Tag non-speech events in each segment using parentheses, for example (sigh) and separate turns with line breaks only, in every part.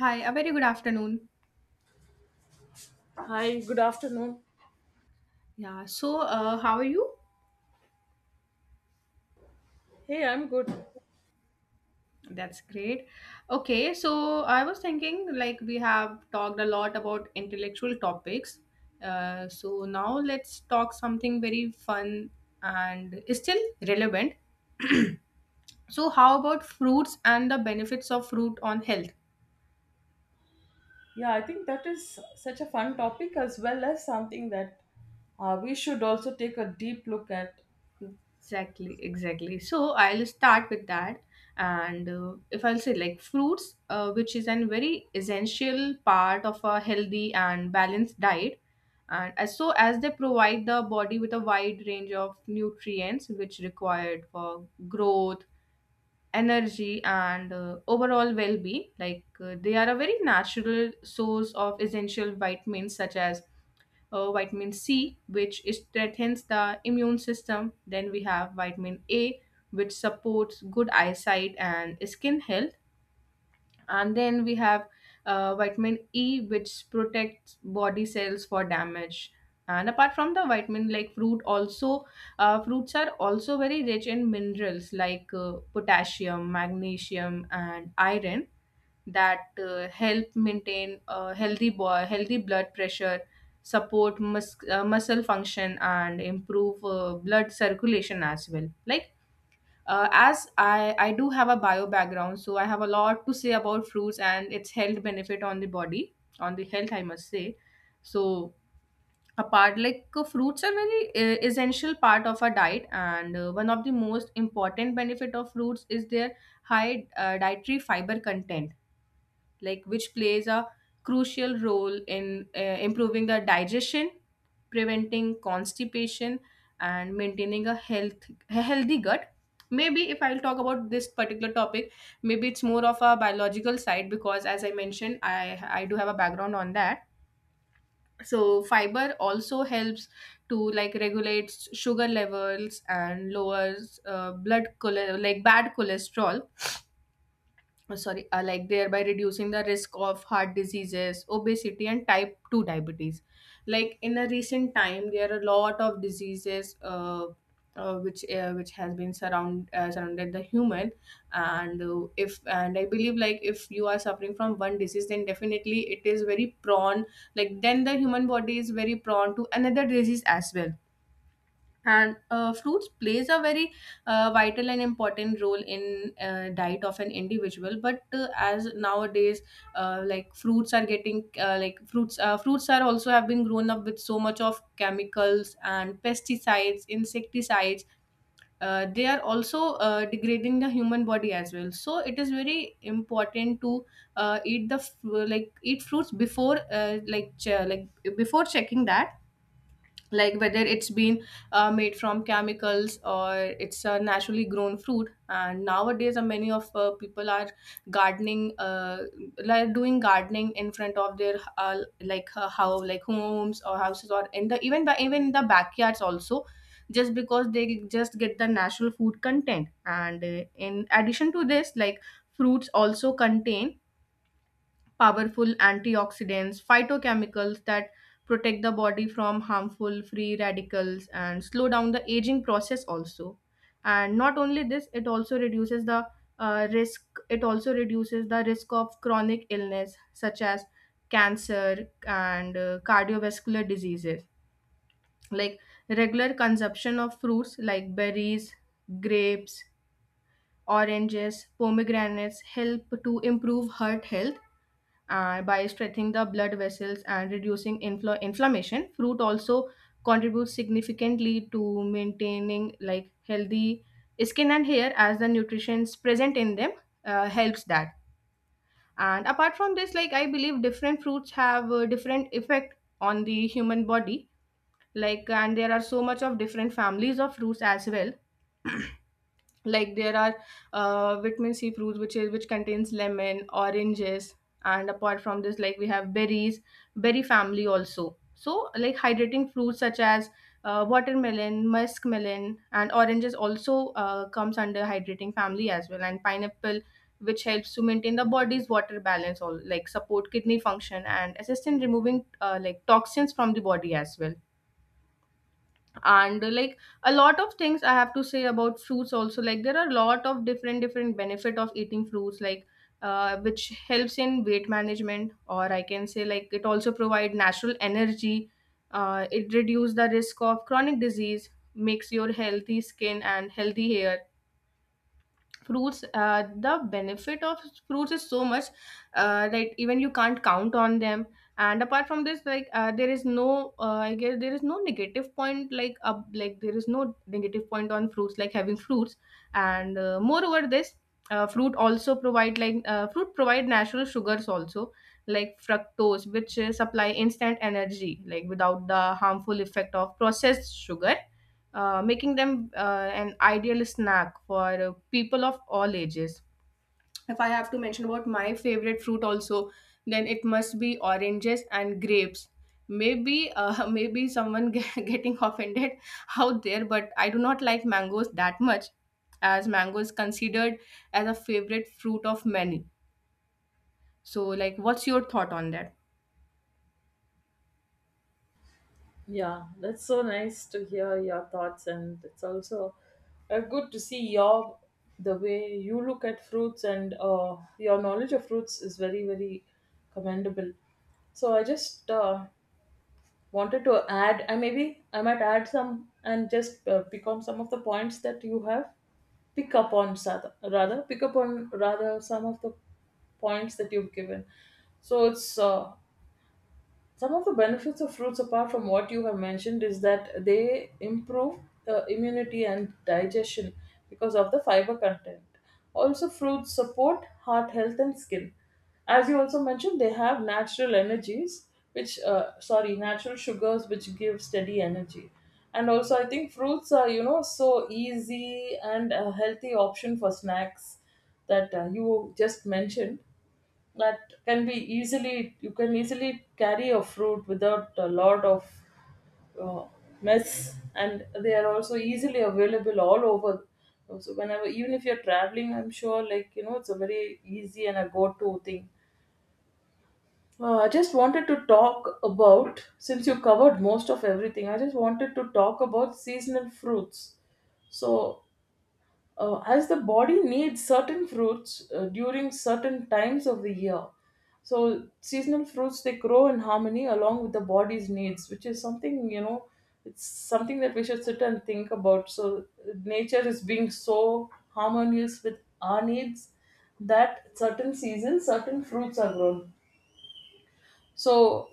Hi, a very good afternoon.
Hi, good afternoon.
Yeah, so how are you?
Hey, I'm good.
That's great. Okay, so I was thinking like we have talked a lot about intellectual topics. So now let's talk something very fun and still relevant. So, how about fruits and the benefits of fruit on health?
Yeah, I think that is such a fun topic as well as something that we should also take a deep look at.
Exactly, exactly. So I'll start with that. And if I'll say like fruits, which is a very essential part of a healthy and balanced diet. And as so as they provide the body with a wide range of nutrients which required for growth, energy, and overall well-being. Like they are a very natural source of essential vitamins such as vitamin C, which is, strengthens the immune system. Then we have vitamin A, which supports good eyesight and skin health. And then we have vitamin E, which protects body cells for damage. And apart from the vitamin, like fruits are also very rich in minerals like potassium, magnesium, and iron that help maintain a healthy blood pressure support muscle function and improve blood circulation as well. Like as I do have a bio background, so I have a lot to say about fruits and its health benefit on the body, on the health I must say. So apart, like fruits are very essential part of our diet, and one of the most important benefit of fruits is their high dietary fiber content, like which plays a crucial role in improving the digestion, preventing constipation, and maintaining a healthy gut. Maybe if I'll talk about this particular topic, maybe it's more of a biological side, because as I mentioned, I do have a background on that. So fiber also helps to like regulate sugar levels and lowers like bad cholesterol, sorry like thereby reducing the risk of heart diseases, obesity, and type 2 diabetes. Like in a recent time there are a lot of diseases, which has been surrounded the human. And I believe, like, if you are suffering from one disease, then definitely it is very prone, like then the human body is very prone to another disease as well. And fruits plays a very vital and important role in diet of an individual. But as nowadays, like fruits are getting like fruits fruits are also have been grown up with so much of chemicals and pesticides, insecticides. They are also degrading the human body as well. So it is very important to like eat fruits before like before checking that, like whether it's been made from chemicals or it's a naturally grown fruit. And nowadays, many of people are gardening like doing gardening in front of their like how like homes or houses, or in the even by even in the backyards also, just because they just get the natural food content. And in addition to this, like fruits also contain powerful antioxidants, phytochemicals that protect the body from harmful free radicals and slow down the aging process also. And not only this, it also reduces the risk. It also reduces the risk of chronic illness such as cancer and cardiovascular diseases. Like regular consumption of fruits like berries, grapes, oranges, pomegranates help to improve heart health by strengthening the blood vessels and reducing inflammation. Fruit also contributes significantly to maintaining like healthy skin and hair, as the nutrients present in them helps that. And apart from this, like I believe different fruits have a different effect on the human body, like, and there are so much of different families of fruits as well. Like there are vitamin C fruits, which contains lemon, oranges. And apart from this, like we have berries, berry family also. So like hydrating fruits such as watermelon, muskmelon, and oranges also comes under hydrating family as well, and pineapple, which helps to maintain the body's water balance, or like support kidney function and assist in removing like toxins from the body as well. And like a lot of things I have to say about fruits also, like there are a lot of different different benefit of eating fruits, like which helps in weight management, or I can say, like it also provide natural energy, it reduce the risk of chronic disease, makes your healthy skin and healthy hair. Fruits, the benefit of fruits is so much that even you can't count on them. And apart from this, like there is no I guess there is no negative point, like up like there is no negative point on fruits, like having fruits. And moreover this, fruit provide natural sugars also, like fructose, which supply instant energy, like without the harmful effect of processed sugar, making them an ideal snack for people of all ages. If I have to mention about my favorite fruit also, then it must be oranges and grapes. Maybe (laughs) maybe (laughs) getting offended out there, but I do not like mangoes that much, as mango is considered as a favorite fruit of many. So, like, what's your thought on that?
Yeah, that's so nice to hear your thoughts, and it's also good to see your the way you look at fruits, and your knowledge of fruits is very commendable. So I just wanted to add. I maybe i might add some and just pick on some of the points that you have pick up on rather some of the points that you've given. So it's some of the benefits of fruits, apart from what you have mentioned, is that they improve immunity and digestion because of the fiber content. Also, fruits support heart health and skin. As you also mentioned, they have natural energies, which, sorry, natural sugars which give steady energy. And also, I think fruits are, so easy and a healthy option for snacks that you just mentioned, that can be easily you can easily carry a fruit without a lot of uh, mess, and they are also easily available all over. So whenever, even if you're traveling, I'm sure, like, it's a very easy and a go-to thing. I just wanted to talk about, since you covered most of everything, I just wanted to talk about seasonal fruits. So as the body needs certain fruits during certain times of the year. So seasonal fruits, they grow in harmony along with the body's needs, which is something, you know, it's something that we should sit and think about. So nature is being so harmonious with our needs that certain seasons, certain fruits are grown. So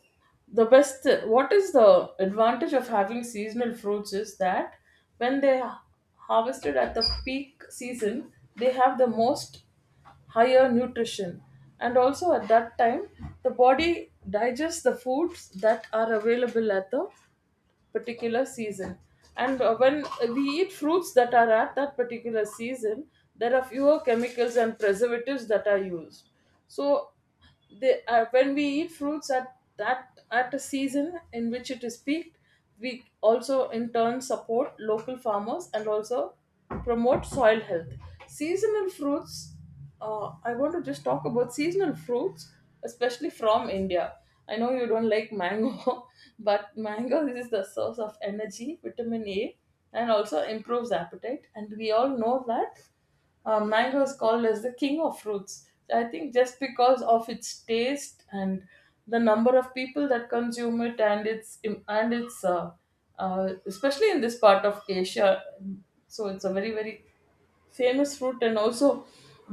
the best what is the advantage of having seasonal fruits is that when they are harvested at the peak season, they have the most higher nutrition. And also at that time, the body digests the foods that are available at the particular season. And when we eat fruits that are at that particular season, there are fewer chemicals and preservatives that are used. So when we eat fruits at a season in which it is peaked, we also in turn support local farmers and also promote soil health. Seasonal fruits I want to just talk about seasonal fruits, especially from India. I know you don't like mango, (laughs) but mango is the source of energy, vitamin A, and also improves appetite. And we all know that mango is called as the king of fruits. I think just because of its taste and the number of people that consume it, and its especially in this part of Asia, so it's a very famous fruit. And also,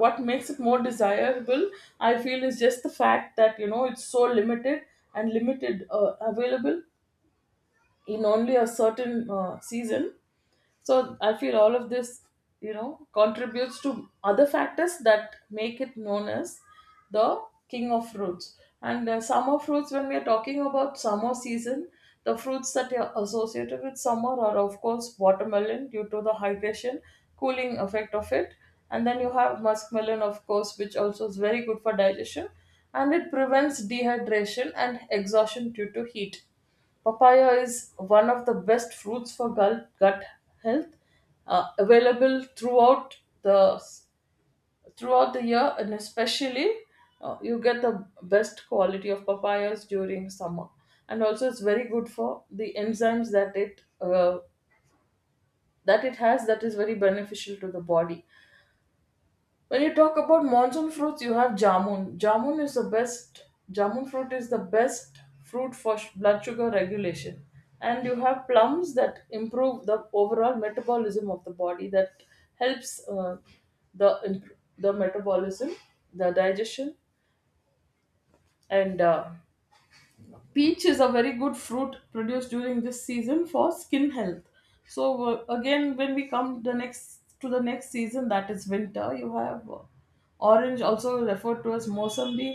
what makes it more desirable, I feel, is just the fact that, you know, it's so limited, and limited available in only a certain season. So I feel all of this, you know, contributes to other factors that make it known as the king of fruits. And summer fruits, when we are talking about summer season, the fruits that are associated with summer are, of course, watermelon, due to the hydration, cooling effect of it. And then you have muskmelon, of course, which also is very good for digestion and it prevents dehydration and exhaustion due to heat. Papaya is one of the best fruits for gut health, available the throughout the year, and especially you get the best quality of papayas during summer. And also, it's very good for the enzymes that it has, that is very beneficial to the body. When you talk about monsoon fruits, you have jamun. Jamun is the best. Jamun fruit is the best fruit for blood sugar regulation, and you have plums that improve the overall metabolism of the body. That helps the metabolism, the digestion, and peach is a very good fruit produced during this season for skin health. So again, when we come the next to the next season, that is winter, you have orange, also referred to as mosambi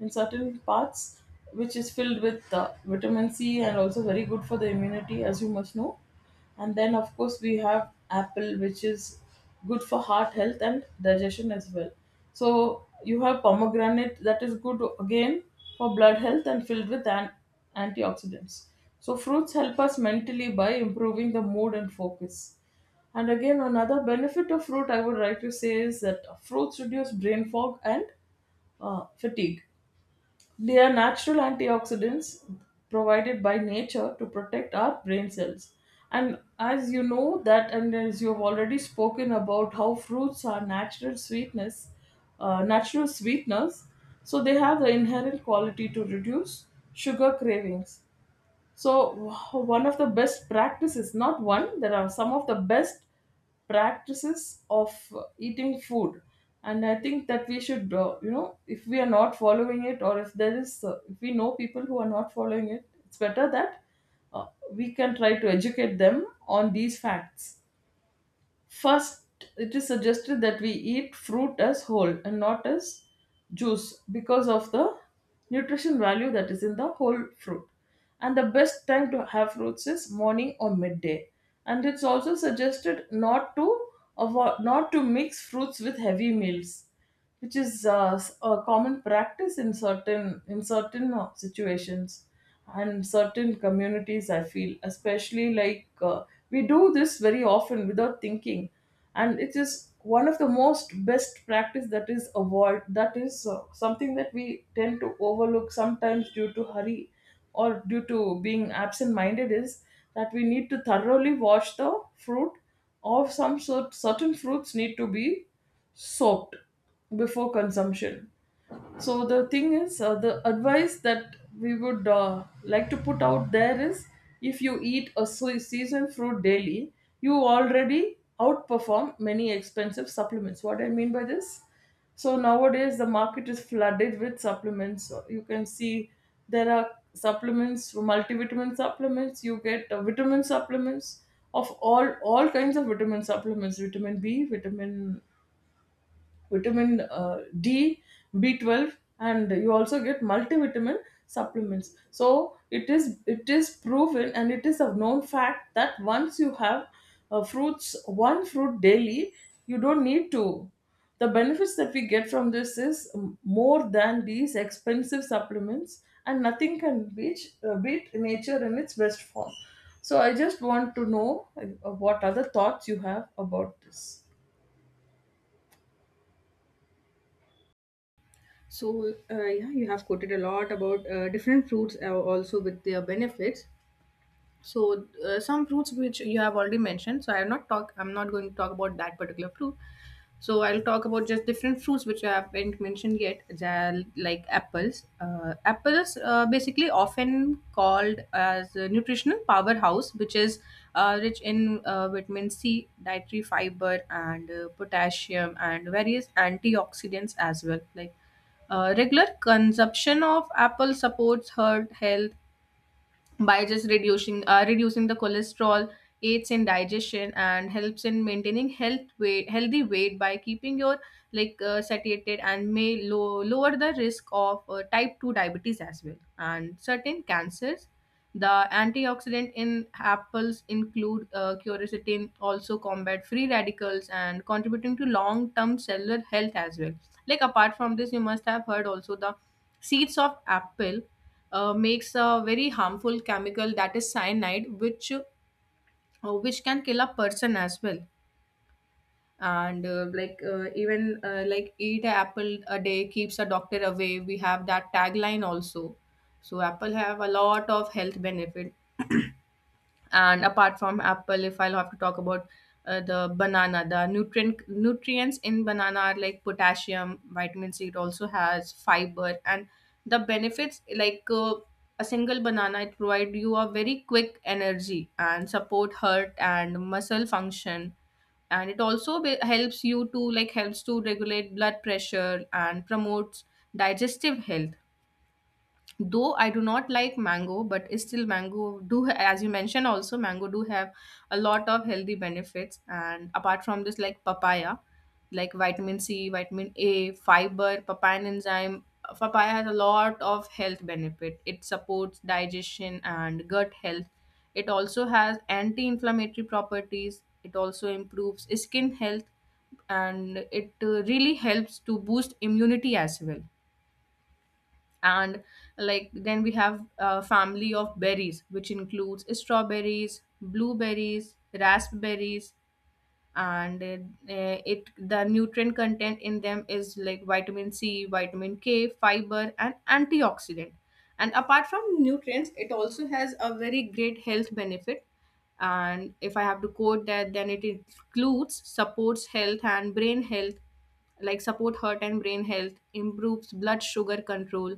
in certain parts, which is filled with vitamin C, and also very good for the immunity, as you must know. And then, of course, we have apple, which is good for heart health and digestion as well. So you have pomegranate, that is good again for blood health and filled with antioxidants. So fruits help us mentally by improving the mood and focus. And again, another benefit of fruit I would like to say is that fruits reduce brain fog and fatigue. They are natural antioxidants provided by nature to protect our brain cells. And as you know that, and as you have already spoken about how fruits are natural sweetness, natural sweeteners, so they have the inherent quality to reduce sugar cravings. So, one of the best practices, not one, there are some of the best practices of eating food. And I think that we should, if we are not following it, or if if we know people who are not following it, it's better that uh, we can try to educate them on these facts. First, it is suggested that we eat fruit as whole and not as juice, because of the nutrition value that is in the whole fruit. And the best time to have fruits is morning or midday. And it's also suggested not to mix fruits with heavy meals, which is a common practice in certain situations and certain communities, I feel, especially like, we do this very often without thinking. And it is one of the most best practice, that is something that we tend to overlook sometimes, due to hurry or due to being absent minded, is that we need to thoroughly wash the fruit, or some sort certain fruits need to be soaked before consumption. So the thing is, the advice that we would like to put out there is, if you eat a seasonal fruit daily, you already outperform many expensive supplements. What I mean by this? So nowadays the market is flooded with supplements. So you can see there are supplements, multivitamin supplements. You get vitamin supplements of all kinds of vitamin supplements, vitamin B, vitamin D, B12, and you also get multivitamin supplements. So it is proven, and it is a known fact that once you have fruits one fruit daily, you don't need to. The benefits that we get from this is, more than these expensive supplements, and nothing can beat nature in its best form. So I just want to know what other thoughts you have about this.
So, yeah, you have quoted a lot about different fruits also with their benefits. So some fruits which you have already mentioned. I'm not going to talk about that particular fruit. So I'll talk about just different fruits which I haven't mentioned yet, like apples. Apples basically often called as a nutritional powerhouse, which is rich in vitamin C, dietary fiber, and potassium, and various antioxidants as well. Like regular consumption of apple supports heart health by just reducing the cholesterol, aids in digestion, and helps in maintaining healthy weight by keeping your like satiated, and may lower the risk of type 2 diabetes as well and certain cancers. The antioxidant in apples include quercetin, also combat free radicals and contributing to long term cellular health as well. Like apart from this, you must have heard also the seeds of apple makes a very harmful chemical, that is cyanide, which can kill a person as well. And like eat an apple a day keeps a doctor away. We have that tagline also. So Apple have a lot of health benefit. And apart from apple, if I'll have to talk about the banana, the nutrients in banana are like potassium, vitamin C. It also has fiber, and the benefits, like a single banana, it provide you a very quick energy and support heart and muscle function, and it also helps you to helps to regulate blood pressure and promotes digestive health. Though I do not like mango, but still mango do, as you mentioned also, mango do have a lot of healthy benefits. And apart from this, like papaya, like vitamin C, vitamin A, fiber, papain enzyme, papaya has a lot of health benefit. It supports digestion and gut health, it also has anti-inflammatory properties, it also improves skin health, and it really helps to boost immunity as well. And like then we have a family of berries which includes strawberries, blueberries, raspberries. And it the nutrient content in them is like vitamin C, vitamin K, fiber, and antioxidant. And apart from nutrients, it also has a very great health benefit. And if I have to quote that, then it includes supports health and brain health like support heart and brain health, improves blood sugar control,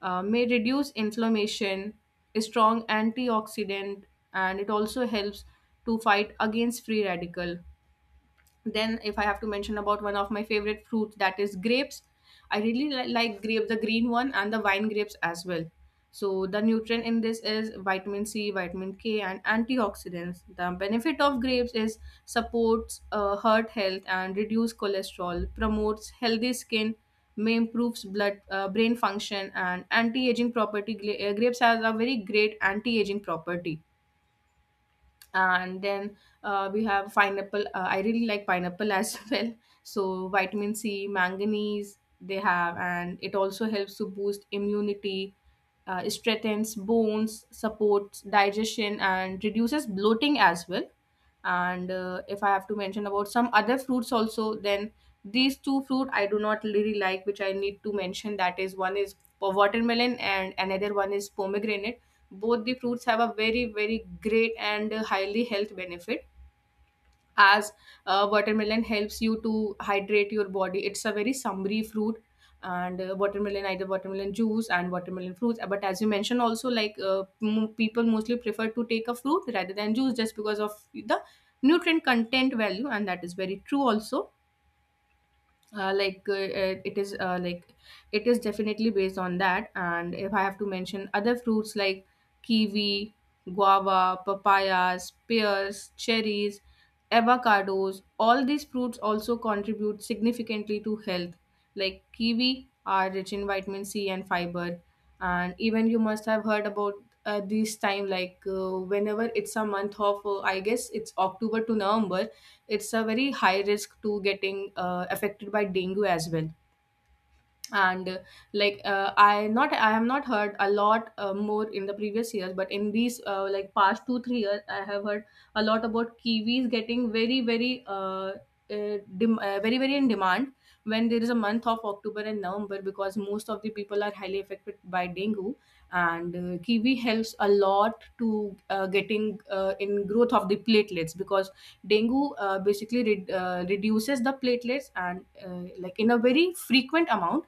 may reduce inflammation, is strong antioxidant, and it also helps to fight against free radical. Then if I have to mention about one of my favorite fruits, that is grapes. I really like grape, the green one and the wine grapes as well. So the nutrient in this is vitamin C, vitamin K, and antioxidants. The benefit of grapes is supports heart health and reduce cholesterol, promotes healthy skin, may improves blood brain function, and anti-aging property. Grapes has a very great anti-aging property. And then we have pineapple. I really like pineapple as (laughs) well. So vitamin C, manganese, they have, and it also helps to boost immunity, strengthens bones, supports digestion, and reduces bloating as well. And if I have to mention about some other fruits also, then these two fruit I do not really like which I need to mention, that is one is watermelon and another one is pomegranate. Both the fruits have a very very great and highly health benefit, as watermelon helps you to hydrate your body. It's a very summery fruit, and watermelon, either watermelon juice and watermelon fruits. But as you mentioned also, like people mostly prefer to take a fruit rather than juice just because of the nutrient content value, and that is very true also. uh, like uh, uh, it is uh, like it is definitely based on that. And if I have to mention other fruits like kiwi, guava, papayas, pears, cherries, avocados, all these fruits also contribute significantly to health. Like kiwi are rich in vitamin C and fiber. And even you must have heard about this time, like whenever it's a month of I guess it's October to November, it's a very high risk to getting affected by dengue as well. And like I have not heard a lot more in the previous years, but in these like past 2 3 years I have heard a lot about kiwis getting uh, very very in demand when there is a month of October and November, because most of the people are highly affected by dengue. And kiwi helps a lot to getting in growth of the platelets, because dengue basically reduces the platelets, and like in a very frequent amount.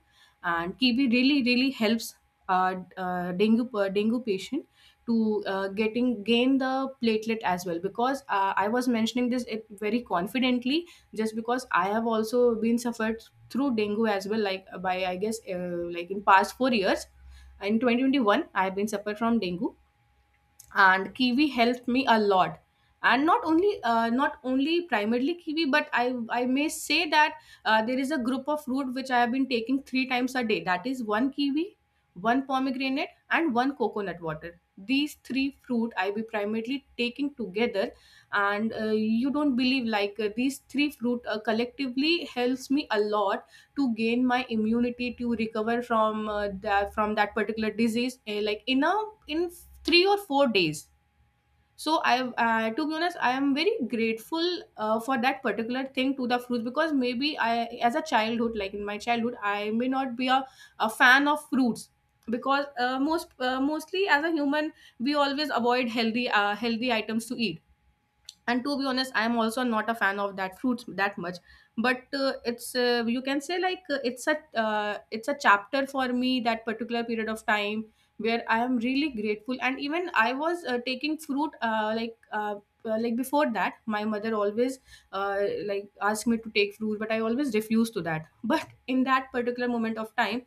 And TB really really helps dengue dengue patient to getting gain the platelet as well, because I was mentioning this it very confidently just because I have also been suffered through dengue as well, like by I guess like in past 4 years, in 2021 I have been suffered from dengue, and kiwi helped me a lot. And not only not only primarily kiwi, but I may say that there is a group of fruit which I have been taking three times a day. That is one kiwi, one pomegranate, and one coconut water. These three fruit I be primarily taking together. And you don't believe, like these three fruit collectively helps me a lot to gain my immunity, to recover from that particular disease, like in a in 3 or 4 days. So I, to be honest, I am very grateful for that particular thing to the fruits, because maybe I as a childhood, like in my childhood, I may not be a fan of fruits. Because mostly as a human, we always avoid healthy healthy items to eat. And to be honest, I'm also not a fan of that fruits that much. But it's you can say like it's a chapter for me, that particular period of time where I am really grateful. And even I was taking fruit like before that, my mother always uh, like asked me to take fruit, but I always refused to that. But in that particular moment of time,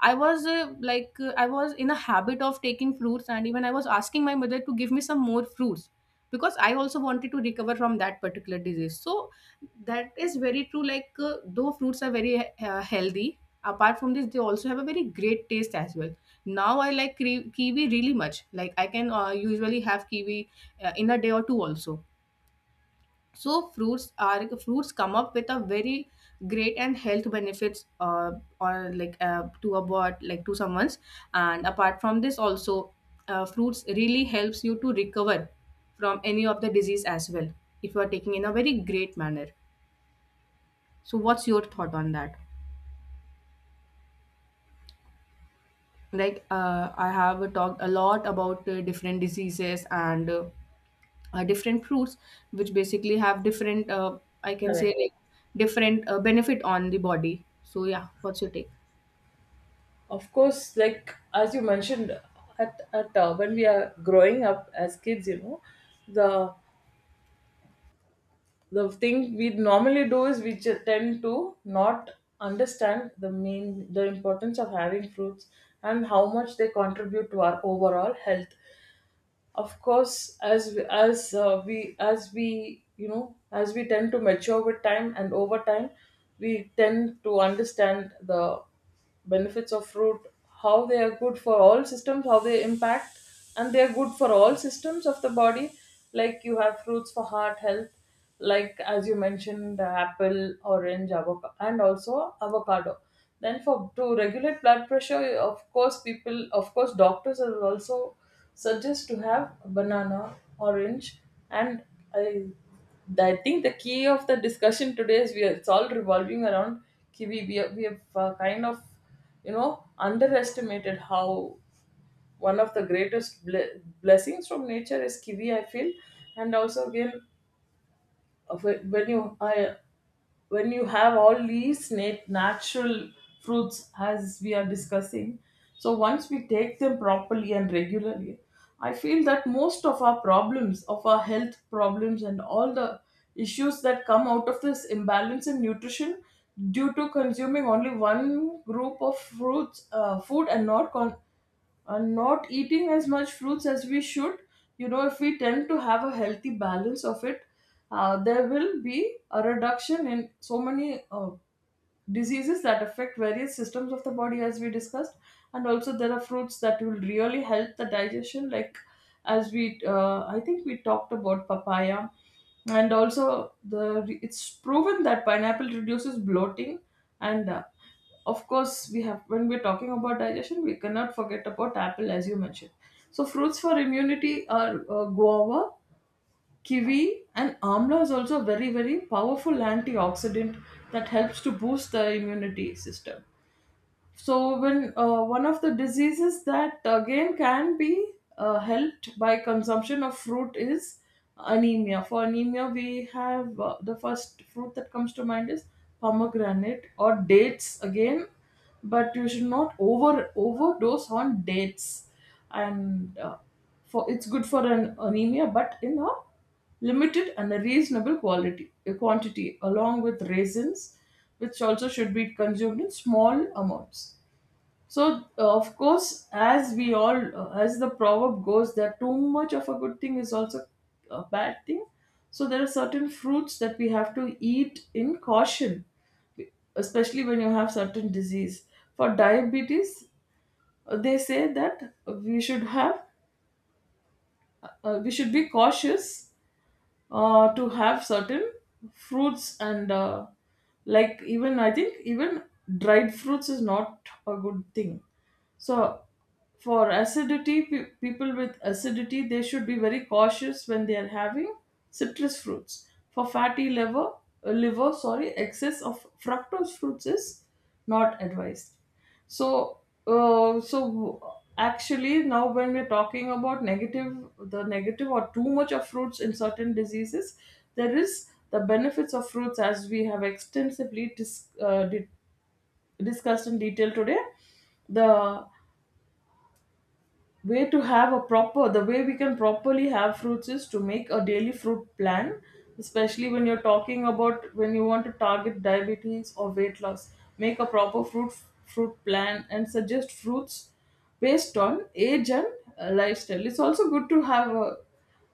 I was I was in a habit of taking fruits, and even I was asking my mother to give me some more fruits, because I also wanted to recover from that particular disease. So that is very true. Like though fruits are very healthy, apart from this, they also have a very great taste as well. Now I like kiwi really much. Like I can usually have kiwi in a day or two also. So fruits come up with a very great and health benefits, or like to a bod, like to someone's. And apart from this also, fruits really helps you to recover from any of the disease as well, if you are taking in a very great manner. So what's your thought on that? Like I have talked a lot about different diseases and different fruits which basically have different, I can say
Correct.
like different benefit on the body. So yeah, what's your take?
Of course, like as you mentioned, at when we are growing up as kids, you know, the the thing we normally do is we just tend to not understand the importance of having fruits and how much they contribute to our overall health. Of course, as we, as we as we you know as we tend to mature with time, and over time we tend to understand the benefits of fruit, how they are good for all systems, how they impact and they are good for all systems of the body. Like you have fruits for heart health, like as you mentioned, the apple, orange, avocado, and also avocado. Then for to regulate blood pressure, of course, doctors are also suggest to have banana, orange, and I, I think the key of the discussion today is it's all revolving around kiwi. We have, kind of, you know, underestimated how one of the greatest blessings from nature is kiwi. I feel, and also again of it- when you I, when you have all these natural fruits as we are discussing. So once we take them properly and regularly, I feel that most of our problems, of our health problems, and all the issues that come out of this imbalance in nutrition due to consuming only one group of fruits, food, and not eating as much fruits as we should, you know, if we tend to have a healthy balance of it, there will be a reduction in so many diseases that affect various systems of the body, as we discussed. And also there are fruits that will really help the digestion, like, as we I think we talked about papaya, and also the it's proven that pineapple reduces bloating. And Of course, we have, when we're talking about digestion, we cannot forget about apple, as you mentioned. So fruits for immunity are guava, kiwi, and amla is also a very, very powerful antioxidant that helps to boost the immunity system. So, when one of the diseases that again can be helped by consumption of fruit is anemia. For anemia, we have the first fruit that comes to mind is pomegranate, or dates again, but you should not overdose on dates. And uh, for it's good for an anemia, but in a limited and a reasonable quality quantity, along with raisins, which also should be consumed in small amounts. So, of course, as we all, as the proverb goes, that too much of a good thing is also a bad thing. So, there are certain fruits that we have to eat in caution, especially when you have certain disease. For diabetes, they say that we should have, we should be cautious to have certain fruits, and like, even I think even dried fruits is not a good thing. So for acidity, people with acidity, they should be very cautious when they are having citrus fruits. For fatty liver, sorry, excess of fructose fruits is not advised. So so actually, now when we're talking about negative or too much of fruits in certain diseases, there is the benefits of fruits, as we have extensively discussed in detail today. The way to have a proper, the way we can properly have fruits is to make a daily fruit plan, especially when you're talking about when you want to target diabetes or weight loss. Make a proper fruit plan and suggest fruits based on age and lifestyle. It's also good to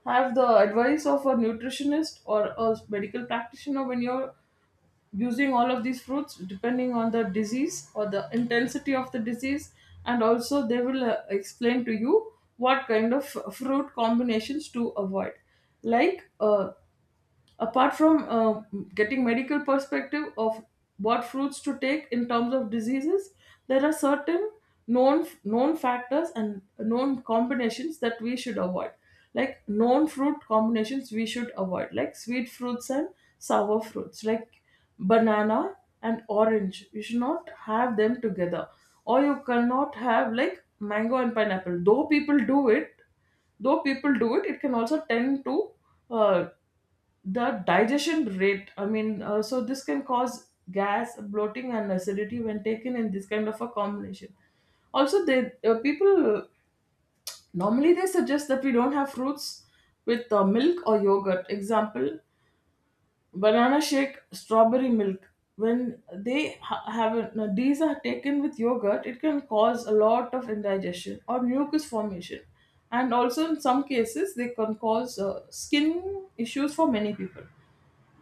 have the advice of a nutritionist or a medical practitioner when you're using all of these fruits, depending on the disease or the intensity of the disease. And also they will explain to you what kind of fruit combinations to avoid, like uh, apart from getting medical perspective of what fruits to take in terms of diseases. There are certain known factors and known combinations that we should avoid, like known fruit combinations we should avoid, like sweet fruits and sour fruits, like banana and orange, you should not have them together. Or you cannot have like mango and pineapple, though people do it. Though people do it, it can also tend to, uh, the digestion rate I mean so this can cause gas, bloating, and acidity when taken in this kind of a combination. Also, they people normally, they suggest that we don't have fruits with milk or yogurt, example, banana shake, strawberry milk. When they ha- have a- now these are taken with yogurt, it can cause a lot of indigestion or mucus formation. And also in some cases they can cause skin issues for many people.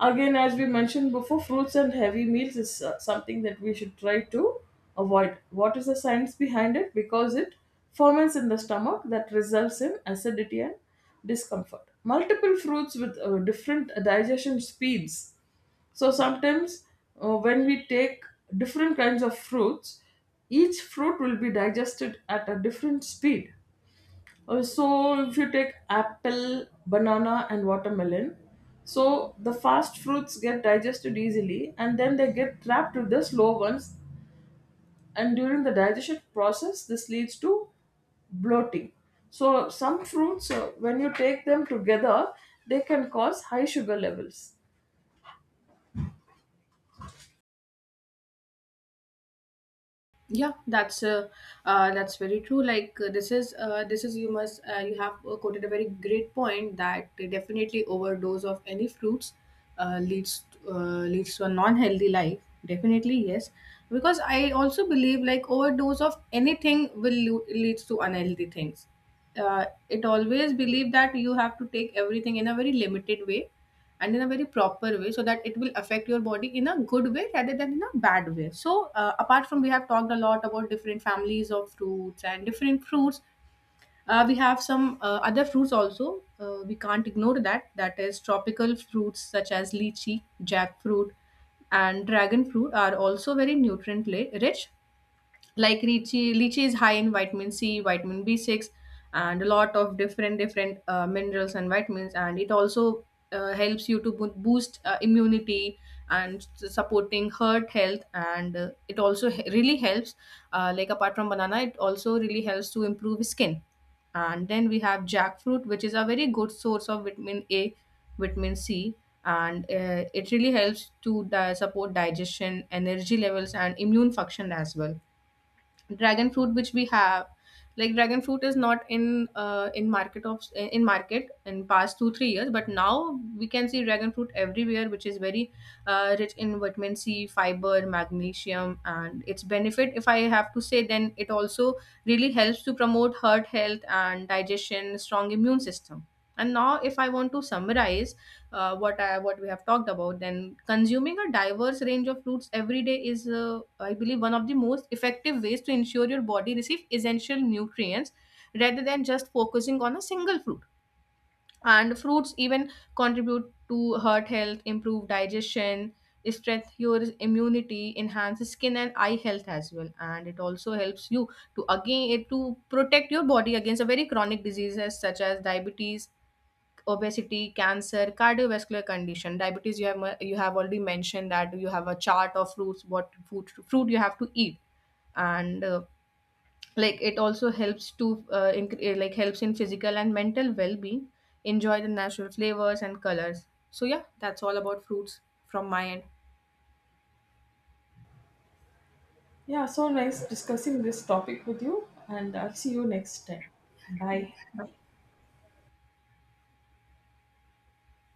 Again, as we mentioned before, fruits and heavy meals is something that we should try to avoid. What is the science behind it? Because it ferments in the stomach, that results in acidity and discomfort. Multiple fruits with different digestion speeds. So sometimes when we take different kinds of fruits, each fruit will be digested at a different speed. So if you take apple, banana, and watermelon, so the fast fruits get digested easily, and then they get trapped with the slow ones. And during the digestion process, this leads to bloating. So some fruits, when you take them together, they can cause high sugar levels.
Yeah, that's very true. Like this is, you must you have quoted a very great point that definitely overdose of any fruits leads to a non healthy life. Definitely yes, because I also believe like overdose of anything will leads to unhealthy things. It always believe that you have to take everything in a very limited way and in a very proper way, so that it will affect your body in a good way rather than in a bad way. So apart from we have talked a lot about different families of fruits and different fruits, we have some other fruits also we can't ignore that. That is tropical fruits such as lychee, jackfruit, and dragon fruit are also very nutrient rich. Like lychee is high in vitamin C, vitamin b6, and a lot of different minerals and vitamins. And it also helps you to boost immunity and supporting heart health. And it also really helps like apart from banana, it also really helps to improve skin. And then we have jackfruit, which is a very good source of vitamin A, vitamin C. And it really helps to support digestion, energy levels, and immune function as well. Dragon fruit which we have, like dragon fruit is not in in market of in market in past 2 3 years, but now we can see dragon fruit everywhere, which is very rich in vitamin C, fiber, magnesium. And its benefit if I have to say, then it also really helps to promote heart health and digestion, strong immune system. And now if I want to summarize what I, what we have talked about, then consuming a diverse range of fruits every day is, I believe, one of the most effective ways to ensure your body receive essential nutrients rather than just focusing on a single fruit. And fruits even contribute to heart health, improve digestion, strengthen your immunity, enhance skin and eye health as well, and it also helps you to again to protect your body against a very chronic diseases such as diabetes, obesity, cancer, cardiovascular condition, diabetes. You have you have already mentioned that you have a chart of fruits, what food fruit you have to eat. And like it also helps to like helps in physical and mental well being. Enjoy the natural flavors and colors. So yeah, that's all about fruits from my end.
Yeah, so nice discussing this topic with you, and I'll see you next time. Bye.